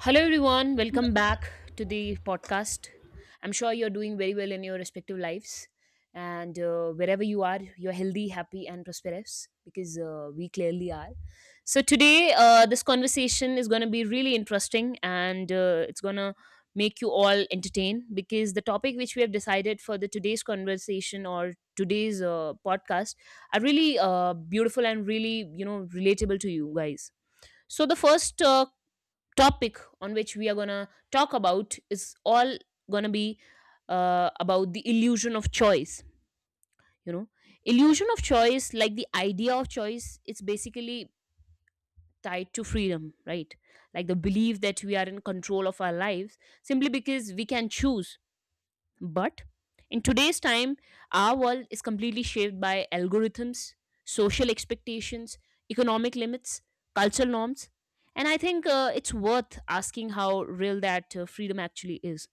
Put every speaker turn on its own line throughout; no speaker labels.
Hello, everyone. Welcome back to the podcast. I'm sure you're doing very well in your respective lives. And wherever you are, you're healthy, happy, and prosperous because we clearly are. So, today, this conversation is going to be really interesting, and it's going to make you all entertained because the topic which we have decided for the today's conversation or today's podcast are really beautiful and really, relatable to you guys. So the first topic on which we are going to talk about is all going to be about the illusion of choice, you know illusion of choice, like the idea of choice, it's basically tied to freedom, right? Like the belief that we are in control of our lives simply because we can choose. But in today's time, our world is completely shaped by algorithms, social expectations, economic limits, cultural norms. And I think it's worth asking how real that freedom actually is.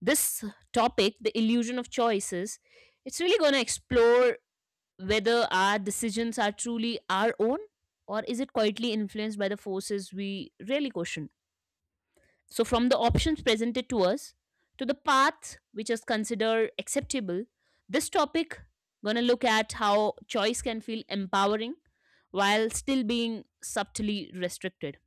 This topic, the illusion of choices, it's really going to explore whether our decisions are truly our own or is it quietly influenced by the forces we really question. So, from the options presented to us to the path which is considered acceptable, this topic gonna look at how choice can feel empowering while still being subtly restricted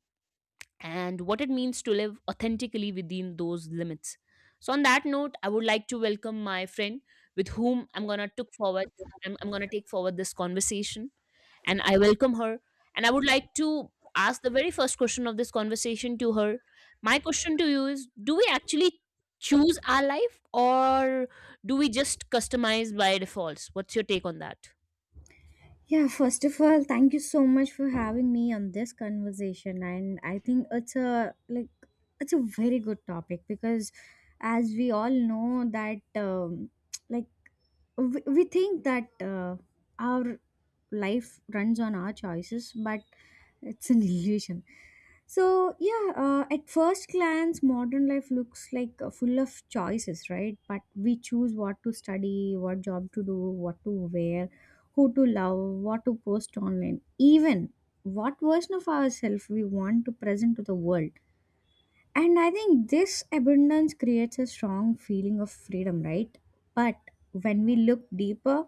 and what it means to live authentically within those limits. So, on that note, I would like to welcome my friend with whom I'm gonna took forward. I'm gonna take forward this conversation, and I welcome her. And I would like to ask the very first question of this conversation to her. My question to you is: do we actually choose our life, or do we just customize by defaults? What's your take on that?
Yeah, first of all, thank you so much for having me on this conversation, and I think it's a it's a very good topic because as we all know that like we think that our life runs on our choices, but it's an illusion. So yeah, at first glance modern life looks like full of choices, right? But we choose what to study, what job to do, what to wear, who to love, what to post online, even what version of ourselves we want to present to the world. And I think this abundance creates a strong feeling of freedom, right? But when we look deeper,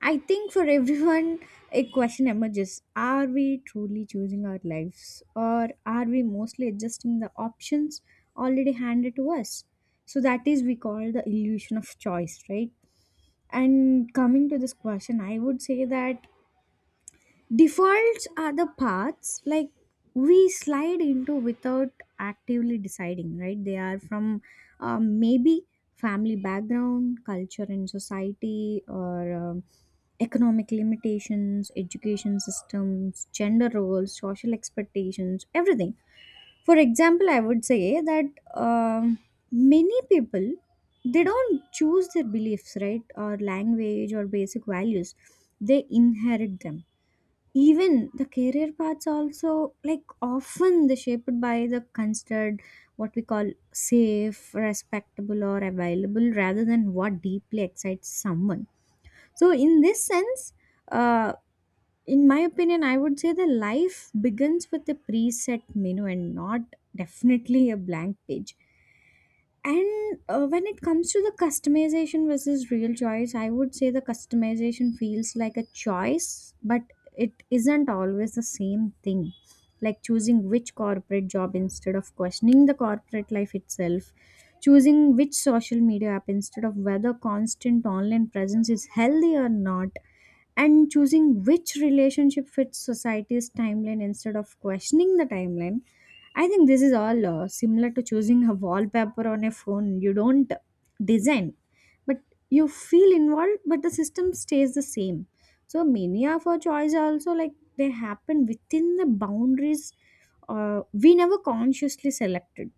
I think for everyone, a question emerges: are we truly choosing our lives, or are we mostly adjusting the options already handed to us? So that is we call the illusion of choice, right? And coming to this question, I would say that defaults are the paths like we slide into without actively deciding, right? They are from maybe family background, culture and society, or economic limitations, education systems, gender roles, social expectations, everything. For example, I would say that um, many people, they don't choose their beliefs, right, or language or basic values. They inherit them. Even the career paths also, like often they're shaped by the considered what we call safe, respectable or available, rather than what deeply excites someone. So in this sense, uh, in my opinion, I would say the life begins with a preset menu and not definitely a blank page. And when it comes to the customization versus real choice, I would say the customization feels like a choice, but it isn't always the same thing, like choosing which corporate job instead of questioning the corporate life itself, choosing which social media app instead of whether constant online presence is healthy or not, and choosing which relationship fits society's timeline instead of questioning the timeline. I think this is all similar to choosing a wallpaper on a phone you don't design, but you feel involved, but the system stays the same. So many of our choices are also like they happen within the boundaries we never consciously selected.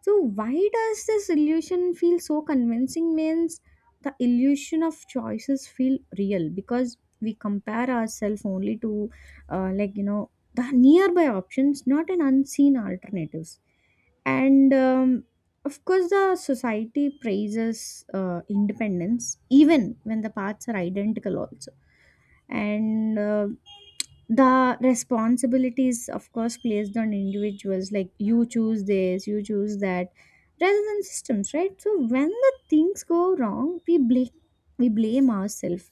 So why does this illusion feel so convincing? Means the illusion of choices feel real because we compare ourselves only to, the nearby options, not an unseen alternatives. And of course, the society praises independence even when the paths are identical, also. And the responsibilities of course placed on individuals, like you choose this, you choose that, rather than systems, right? So when the things go wrong, we blame, we blame ourselves.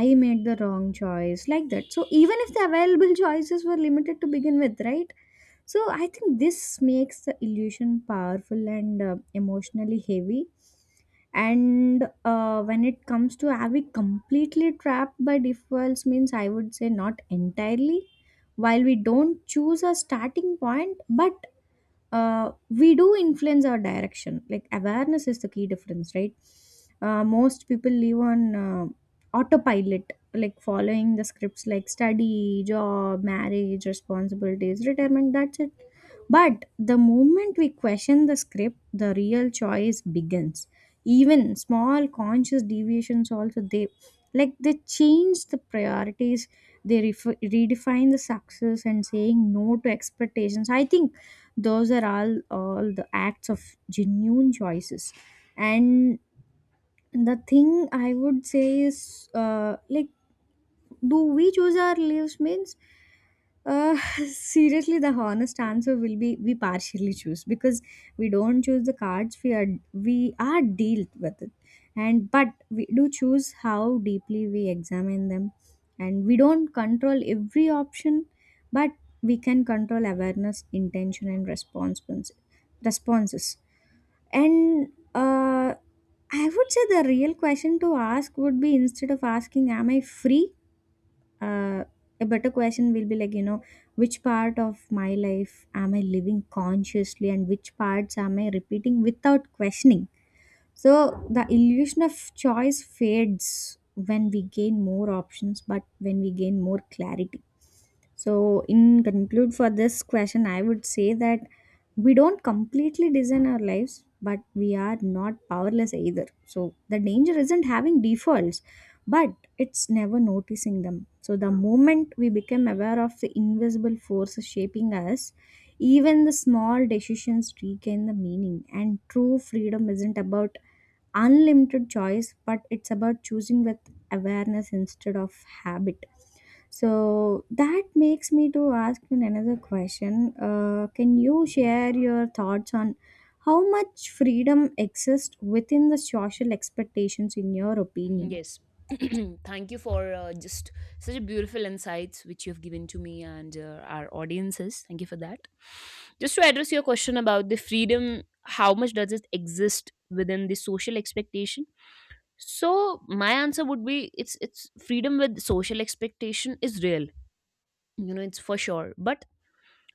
I made the wrong choice, like that. So even if the available choices were limited to begin with, right? So I think this makes the illusion powerful and emotionally heavy. And when it comes to are we completely trapped by defaults, means I would say not entirely. While we don't choose a starting point, but we do influence our direction. Like awareness is the key difference, right? Most people live on autopilot, like following the scripts like study, job, marriage, responsibilities, retirement. That's it. But the moment we question the script, the real choice begins. Even small conscious deviations also, they like they change the priorities, they redefine the success, and saying no to expectations. I think those are all the acts of genuine choices. And the thing I would say is like, do we choose our lives means uh, seriously, the honest answer will be we partially choose, because we don't choose the cards we are dealt with it, and but we do choose how deeply we examine them, and we don't control every option, but we can control awareness, intention, and responses. Responses. And uh, I would say the real question to ask would be, instead of asking, "Am I free?", uh, a better question will be, like, you know, which part of my life am I living consciously, and which parts am I repeating without questioning? So the illusion of choice fades when we gain more options, but when we gain more clarity. So, in conclude for this question, I would say that we don't completely design our lives, but we are not powerless either. So the danger isn't having defaults, but it's never noticing them. So the moment we become aware of the invisible forces shaping us, even the small decisions regain the meaning. And true freedom isn't about unlimited choice, but it's about choosing with awareness instead of habit. So that makes me to ask you another question. Can you share your thoughts on how much freedom exists within the social expectations, in your opinion?
Yes. Thank you for just such a beautiful insights which you have given to me and our audiences. Thank you for that. Just to address your question about the freedom, how much does it exist within the social expectation? So my answer would be it's freedom with social expectation is real. You know, it's for sure, but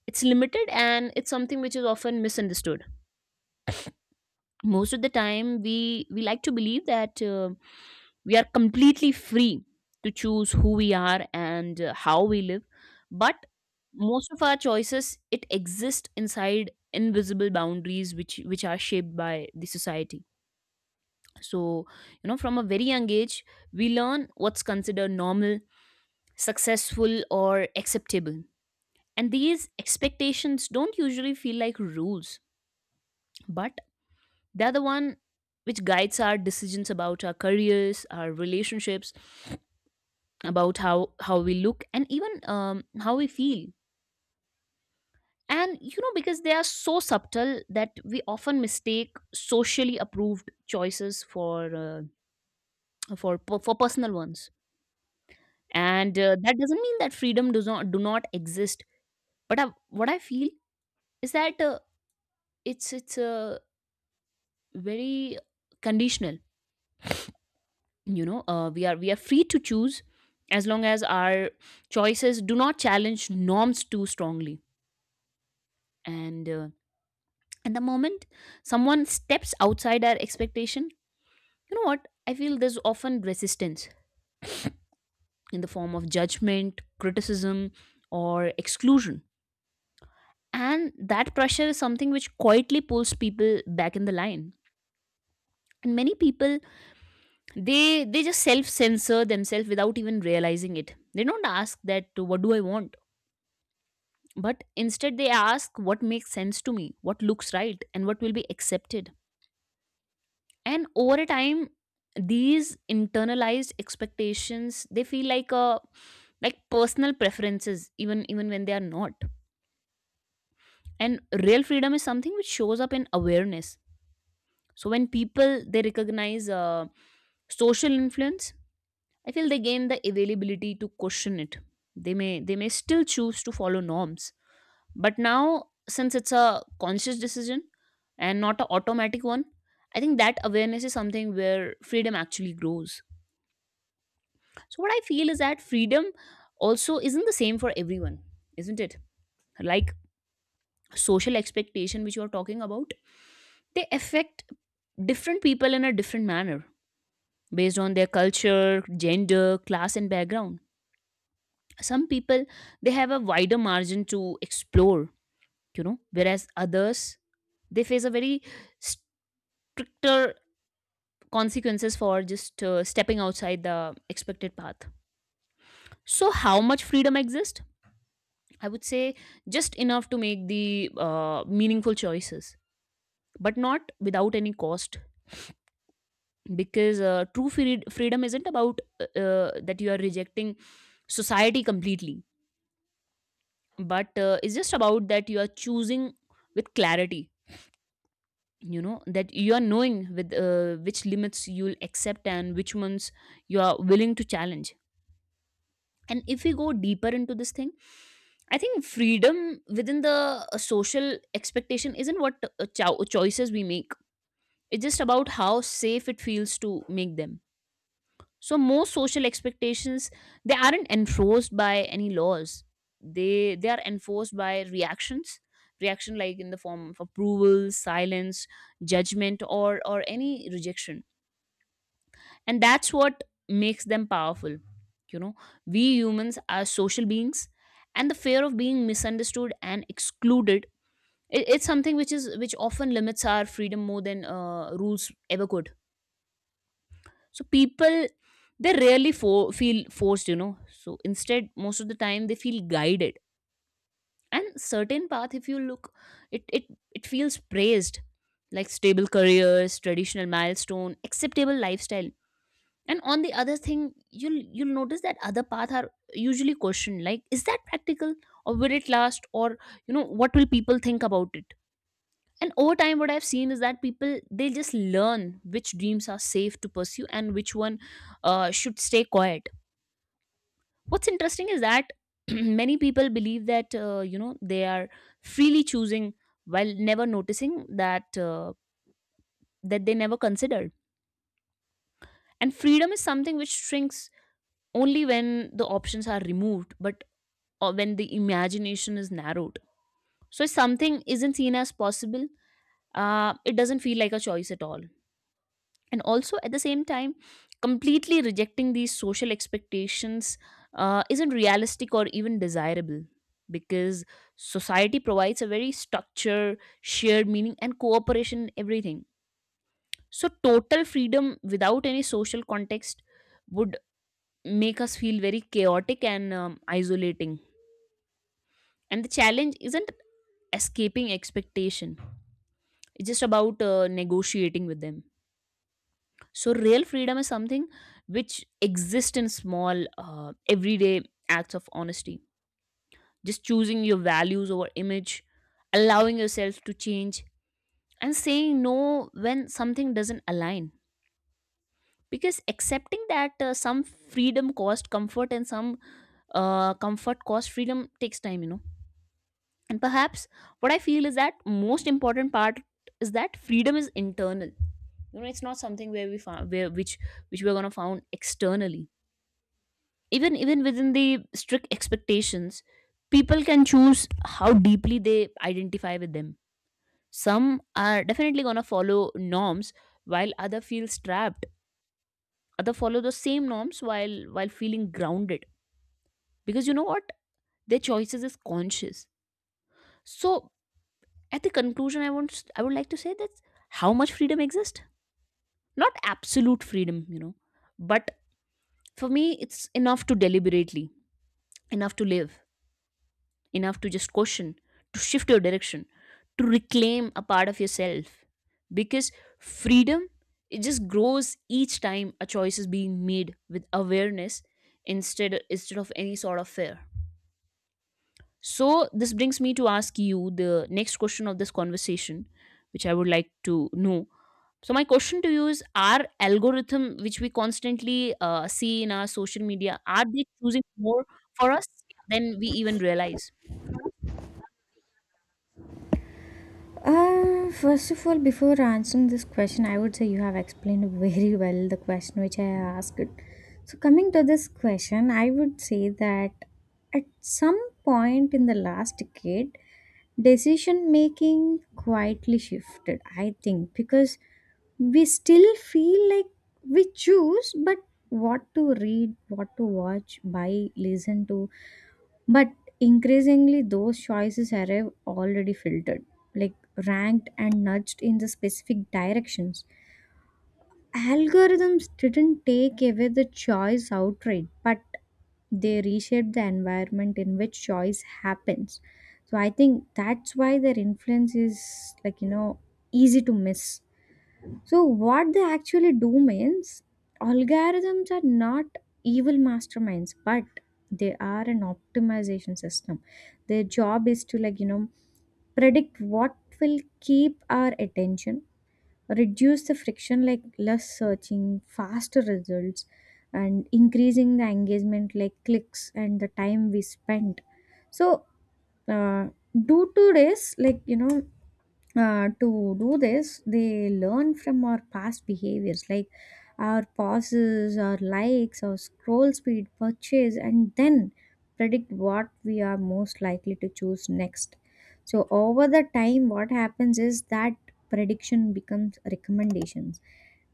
it's limited, and it's something which is often misunderstood. Most of the time we like to believe that we are completely free to choose who we are and how we live, but most of our choices it exist inside invisible boundaries which are shaped by the society. So you know, from a very young age we learn what's considered normal, successful, or acceptable, and these expectations don't usually feel like rules, but they're the one which guides our decisions about our careers, our relationships, about how we look, and even how we feel. And you know, because they are so subtle that we often mistake socially approved choices for personal ones. And that doesn't mean that freedom does not do not exist. But what I feel is that it's very conditional, you know. We are free to choose as long as our choices do not challenge norms too strongly, and uh, and the moment someone steps outside our expectation, you know what I feel, there's often resistance in the form of judgment, criticism, or exclusion. And that pressure is something which quietly pulls people back in the line. And many people, they just self censor themselves without even realizing it. They don't ask that, what do I want? But instead, they ask what makes sense to me, what looks right, and what will be accepted. And over a time, these internalized expectations they feel like a like personal preferences, even when they are not. And real freedom is something which shows up in awareness. So when people they recognize social influence, I feel they gain the availability to question it. They may still choose to follow norms, but now, since it's a conscious decision and not an automatic one, I think that awareness is something where freedom actually grows. So, what I feel is that freedom also isn't the same for everyone, isn't it? Like social expectation, which you are talking about, they affect different people in a different manner based on their culture, gender, class, and background. Some people they have a wider margin to explore, you know, whereas others they face a very stricter consequences for just stepping outside the expected path. So how much freedom exists? I would say just enough to make the meaningful choices, but not without any cost. Because freedom isn't about that you are rejecting society completely, but it's just about that you are choosing with clarity. You know, that you are knowing with which limits you'll accept and which ones you are willing to challenge. And if we go deeper into this thing, I think freedom within the social expectation isn't what choices we make. It's just about how safe it feels to make them. So most social expectations they aren't enforced by any laws. They are enforced by reactions. Reaction like in the form of approval, silence, judgment, or any rejection. And that's what makes them powerful. You know, we humans are social beings, and the fear of being misunderstood and excluded, it's something which is which often limits our freedom more than rules ever could. So people, they rarely feel forced, you know. So instead, most of the time they feel guided, and certain path, if you look, it it it feels praised, like stable careers, traditional milestone, acceptable lifestyle. And on the other thing, you'll notice that other paths are usually questioned, like is that practical, or will it last, or you know what will people think about it. And over time, what I've seen is that people they just learn which dreams are safe to pursue and which one should stay quiet. What's interesting is that many people believe that you know, they are freely choosing while never noticing that that they never considered. And freedom is something which shrinks only when the options are removed, but or when the imagination is narrowed. So if something isn't seen as possible, it doesn't feel like a choice at all. And also at the same time, completely rejecting these social expectations isn't realistic or even desirable because society provides a very structure, shared meaning, and cooperation in everything. So total freedom without any social context would make us feel very chaotic and isolating. And the challenge isn't escaping expectation, it's just about negotiating with them. So real freedom is something which exists in small everyday acts of honesty, just choosing your values over image, allowing yourself to change, and saying no when something doesn't align. Because accepting that some freedom cost comfort and some comfort cost freedom takes time, you know. And perhaps what I feel is that most important part is that freedom is internal. You know, it's not something where we found where which we're gonna found externally. Even within the strict expectations, people can choose how deeply they identify with them. Some are definitely gonna follow norms while other feels trapped, other follow the same norms while feeling grounded because you know what, their choices is conscious. So at the conclusion, I would like to say that how much freedom exists, not absolute freedom, you know, but for me it's enough to deliberately, enough to live, enough to just question, to shift your direction, to reclaim a part of yourself. Because freedom, it just grows each time a choice is being made with awareness instead of any sort of fear. So, this brings me to ask you the next question of this conversation, which I would like to know. So, my question to you is: are algorithm which we constantly see in our social media, are they choosing more for us than we even realize?
First of all, before answering this question, I would say you have explained very well the question which I asked. So coming to this question, I would say that at some point in the last decade, decision making quietly shifted, I think, because we still feel like we choose, but what to read, what to watch, buy, listen to. But increasingly, those choices arrive already filtered, like ranked and nudged in the specific directions. Algorithms didn't take away the choice outright, but they reshape the environment in which choice happens. So I think that's why their influence is, like, you know, easy to miss. So what they actually do means algorithms are not evil masterminds, but they are an optimization system. Their job is to, like, you know, predict what will keep our attention, reduce the friction, like less searching, faster results, and increasing the engagement, like clicks and the time we spent. So uh, due to this, like, you know, to do this, they learn from our past behaviors, like our pauses, our likes, our scroll speed, purchase, and then predict what we are most likely to choose next. So over the time, what happens is that prediction becomes recommendations,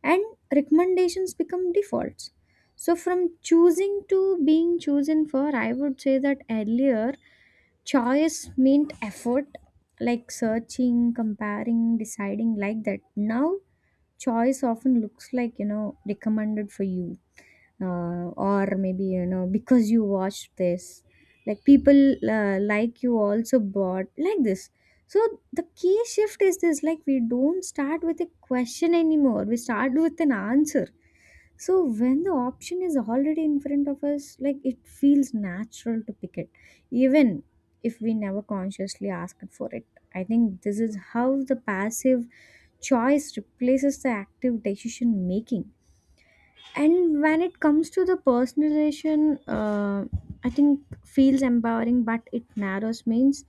and recommendations become defaults. So from choosing to being chosen for, I would say that earlier, choice meant effort, like searching, comparing, deciding, like that. Now choice often looks like, you know, recommended for you, or maybe, you know, because you watched this, like people like you also bought, like this. So the key shift is this, like we don't start with a question anymore, we start with an answer. So when the option is already in front of us, like it feels natural to pick it, even if we never consciously asked for it. I think this is how the passive choice replaces the active decision making. And when it comes to the personalization, I think feels empowering but it narrows, means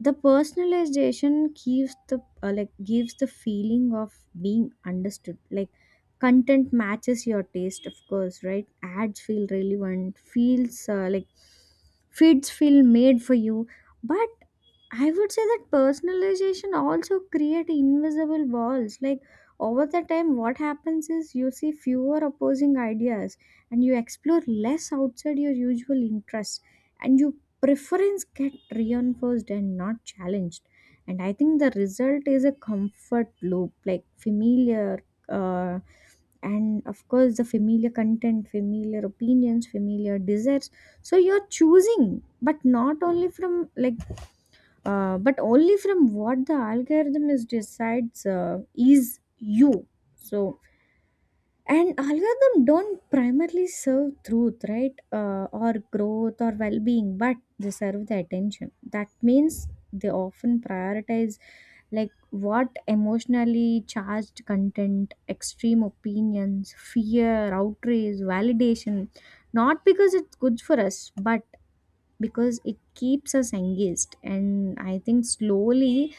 the personalization gives the like gives the feeling of being understood, like content matches your taste, of course, right? Ads feel relevant, feels like feeds feel made for you. But I would say that personalization also create invisible walls, like over the time what happens is you see fewer opposing ideas, and you explore less outside your usual interests, and you preference get reinforced and not challenged. And I think the result is a comfort loop, like familiar, uh, and of course the familiar content, familiar opinions, familiar desires. So you're choosing, but not only from like but only from what the algorithm is decides is you. So and algorithm don't primarily serve truth, right, or growth or well-being, but they serve the attention. That means they often prioritize like what emotionally charged content, extreme opinions, fear, outrage, validation, not because it's good for us, but because it keeps us engaged. And I think slowly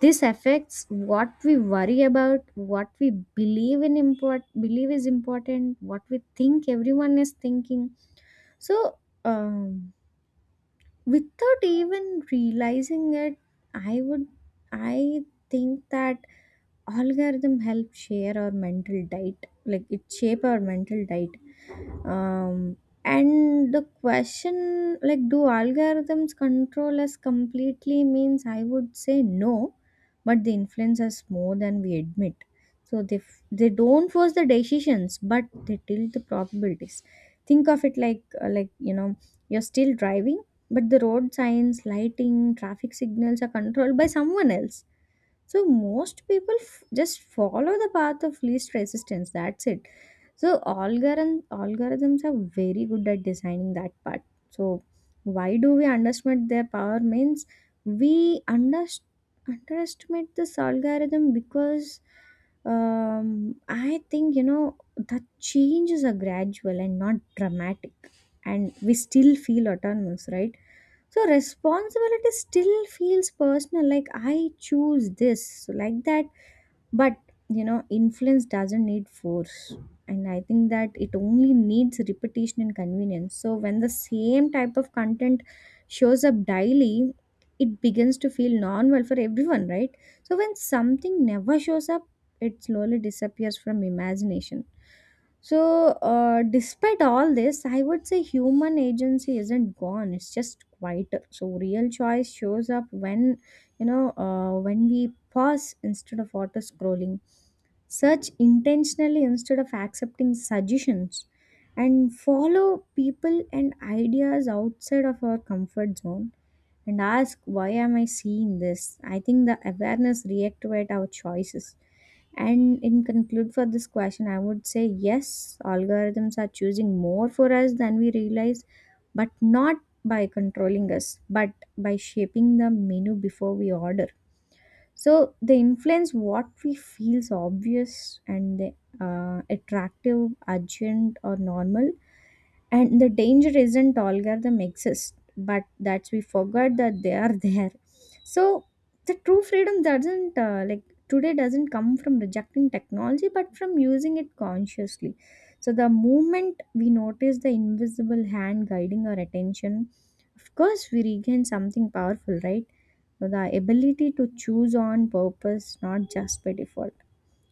this affects what we worry about, what we believe in import believe is important, what we think everyone is thinking. So um, without even realizing it, i would I think that algorithm help share our mental diet, like it shape our mental diet. um, and the question, like, do algorithms control us completely, means I would say no, but they influence us more than we admit. So they they don't force the decisions, but they tilt the probabilities. Think of it like like, you know, you're still driving, but the road signs, lighting, traffic signals are controlled by someone else. So most people just follow the path of least resistance. That's it. So algorithms are very good at designing that part. So why do we underestimate their power, means we under, underestimate this algorithm because I think, you know, the changes are gradual and not dramatic, and we still feel autonomous, right? So responsibility still feels personal, like I choose this, so like that. But you know, influence doesn't need force, and I think that it only needs repetition and convenience. So when the same type of content shows up daily, it begins to feel normal for everyone, right? So when something never shows up, it slowly disappears from imagination. So despite all this, I would say human agency isn't gone, it's just quieter. So real choice shows up when, you know, when we pause instead of auto scrolling, search intentionally instead of accepting suggestions, and follow people and ideas outside of our comfort zone, and ask why am I seeing this. I think the awareness reactivate our choices. And in conclude for this question, I would say yes, algorithms are choosing more for us than we realize, but not by controlling us, but by shaping the menu before we order. So they influence what we feels obvious, and they attractive, urgent or normal. And the danger isn't algorithm exists, but that we forgot that they are there. So the true freedom doesn't like today doesn't come from rejecting technology, but from using it consciously. So the moment we notice the invisible hand guiding our attention, of course we regain something powerful, right? So the ability to choose on purpose, not just by default.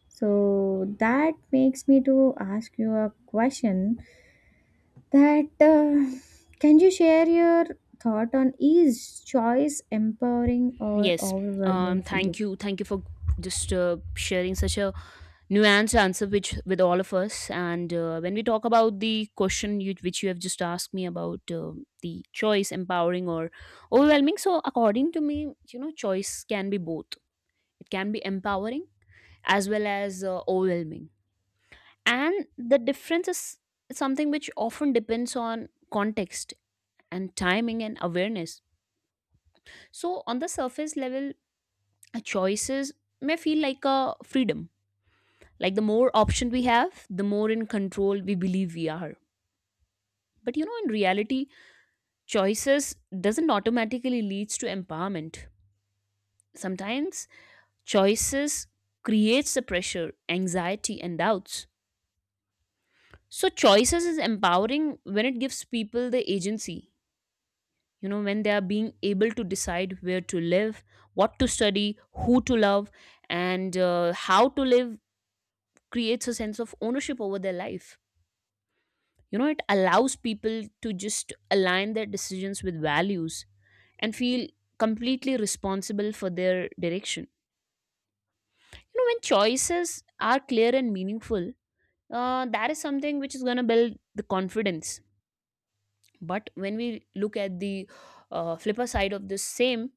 So that makes me to ask you a question that can you share your thought on is choice empowering or
Yes.
overwhelming for you?
Thank you. Thank you for just sharing such a nuance answer which with all of us and when we talk about the question you, which you have just asked me about the choice empowering or overwhelming, so according to me, you know, choice can be both. It can be empowering as well as overwhelming, and the difference is something which often depends on context and timing and awareness. So on the surface level, choices may feel like a freedom, like the more option we have the more in control we believe we are. But you know, in reality, choices doesn't automatically leads to empowerment. Sometimes choices creates the pressure, anxiety and doubts. So choices is empowering when it gives people the agency, you know, when they are being able to decide where to live, what to study, who to love, and how to live. Creates a sense of ownership over their life. You know, it allows people to just align their decisions with values and feel completely responsible for their direction. You know, when choices are clear and meaningful, that is something which is going to build the confidence. But when we look at the flipper side of the same,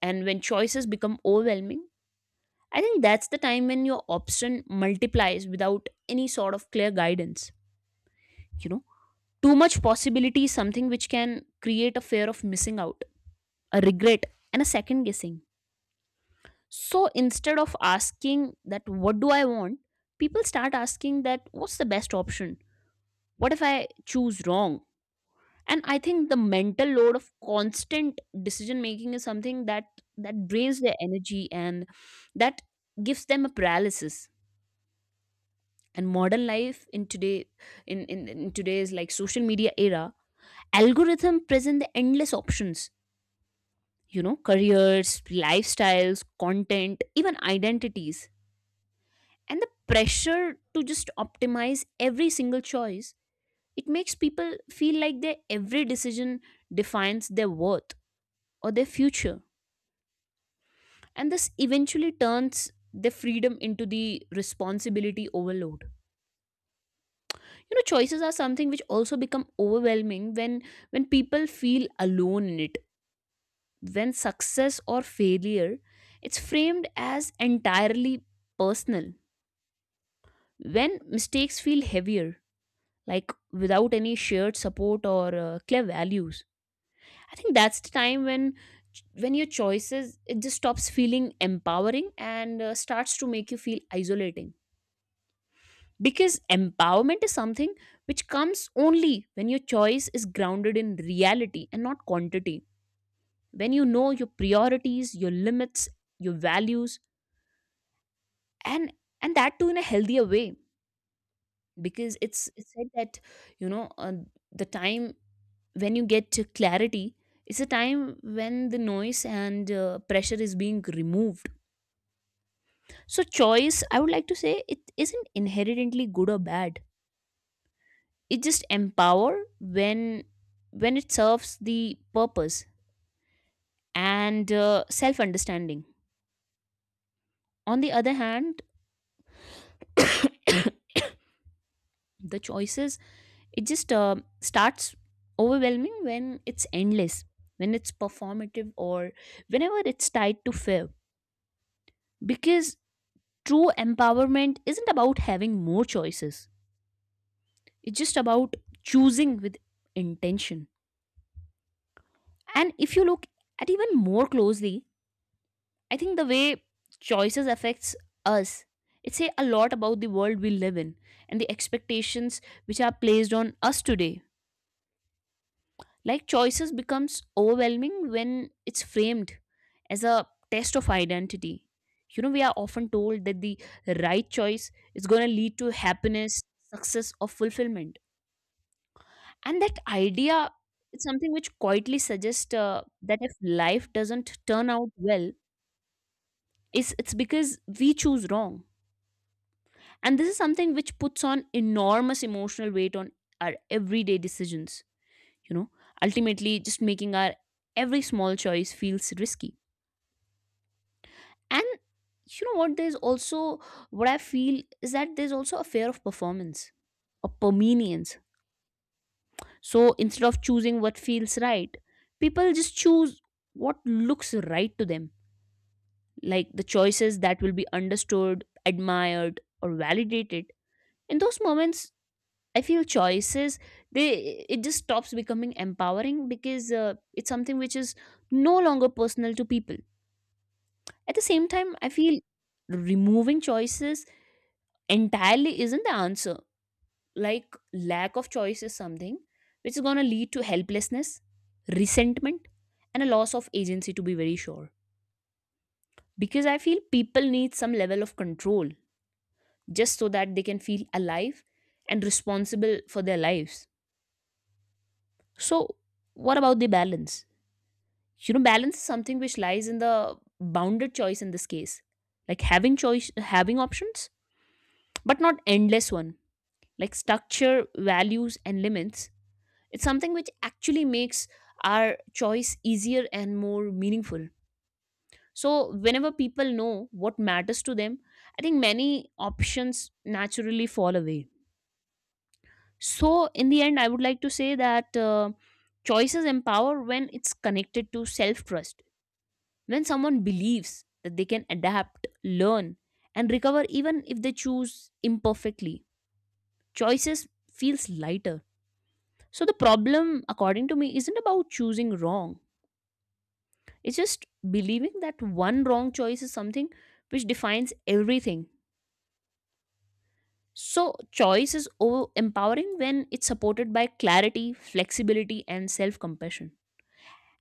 and when choices become overwhelming, I think that's the time when your option multiplies without any sort of clear guidance. You know, too much possibility is something which can create a fear of missing out, a regret, and a second guessing. So instead of asking that, what do I want? People start asking that, what's the best option? What if I choose wrong? And I think the mental load of constant decision making is something that drains their energy and that gives them a paralysis. And modern life in today, in today's like social media era, algorithm present the endless options, you know, careers, lifestyles, content, even identities, and the pressure to just optimize every single choice, it makes people feel like their every decision defines their worth or their future, and this eventually turns their freedom into the responsibility overload. You know, choices are something which also become overwhelming when people feel alone in it, when success or failure, it's framed as entirely personal, when mistakes feel heavier, like without any shared support or clear values. I think that's the time when your choices, it just stops feeling empowering and starts to make you feel isolating. Because empowerment is something which comes only when your choice is grounded in reality and not quantity, when you know your priorities, your limits, your values, and and that too in a healthier way. Because it's said that, you know, the time when you get clarity, it's a time when the noise and pressure is being removed. So choice, I would like to say, it isn't inherently good or bad. It just empower when it serves the purpose and self understanding. On the other hand, the choices, it just starts overwhelming when it's endless, when it's performative, or whenever it's tied to fear. Because true empowerment isn't about having more choices, it's just about choosing with intention. And if you look at even more closely, I think the way choices affects us, it say a lot about the world we live in and the expectations which are placed on us today. Like choices becomes overwhelming when it's framed as a test of identity. You know, we are often told that the right choice is going to lead to happiness, success or fulfillment, and that idea is something which quietly suggests that if life doesn't turn out well, it's because we choose wrong. And this is something which puts on enormous emotional weight on our everyday decisions, you know, ultimately just making our every small choice feels risky. And you know what there's also what I feel is that there's also a fear of performance or permanence. So instead of choosing what feels right, people just choose what looks right to them, like the choices that will be understood, admired, or validated. In those moments, I feel choices, they, it just stops becoming empowering because it's something which is no longer personal to people. At the same time, I feel removing choices entirely isn't the answer. Like lack of choice is something which is going to lead to helplessness, resentment, and a loss of agency, to be very sure. Because I feel people need some level of control just so that they can feel alive and responsible for their lives. So what about the balance? You know, balance is something which lies in the bounded choice in this case. Like having choice, having options, but not endless one. Like structure, values and limits. It's something which actually makes our choice easier and more meaningful. So, whenever people know what matters to them, I think many options naturally fall away. So, in the end, I would like to say that choices empower when it's connected to self trust. When someone believes that they can adapt, learn, and recover even if they choose imperfectly, choices feels lighter. So, the problem, according to me, isn't about choosing wrong. It's just believing that one wrong choice is something which defines everything. So, choice is empowering when it's supported by clarity, flexibility, and self compassion.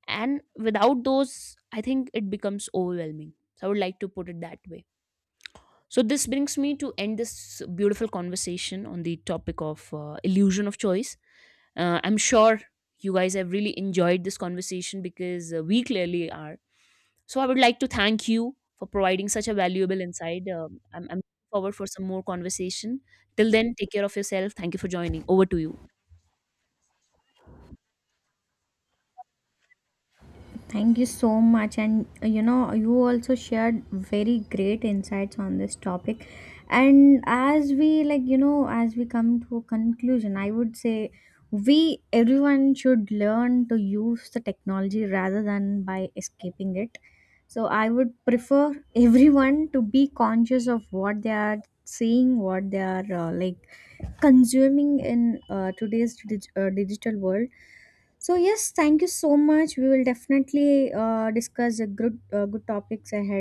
And without those, I think it becomes overwhelming. So, I would like to put it that way. So, this brings me to end this beautiful conversation on the topic of illusion of choice. I'm sure you guys have really enjoyed this conversation because we clearly are. So I would like to thank you for providing such a valuable insight. I'm looking forward for some more conversation. Till then, take care of yourself. Thank you for joining. Over to you.
Thank you so much. And you know, you also shared very great insights on this topic. And as we like, you know, as we come to a conclusion, I would say we everyone should learn to use the technology rather than by escaping it. So I would prefer everyone to be conscious of what they are seeing, what they are like consuming in today's digital world. So yes, thank you so much. We will definitely discuss a good topics ahead.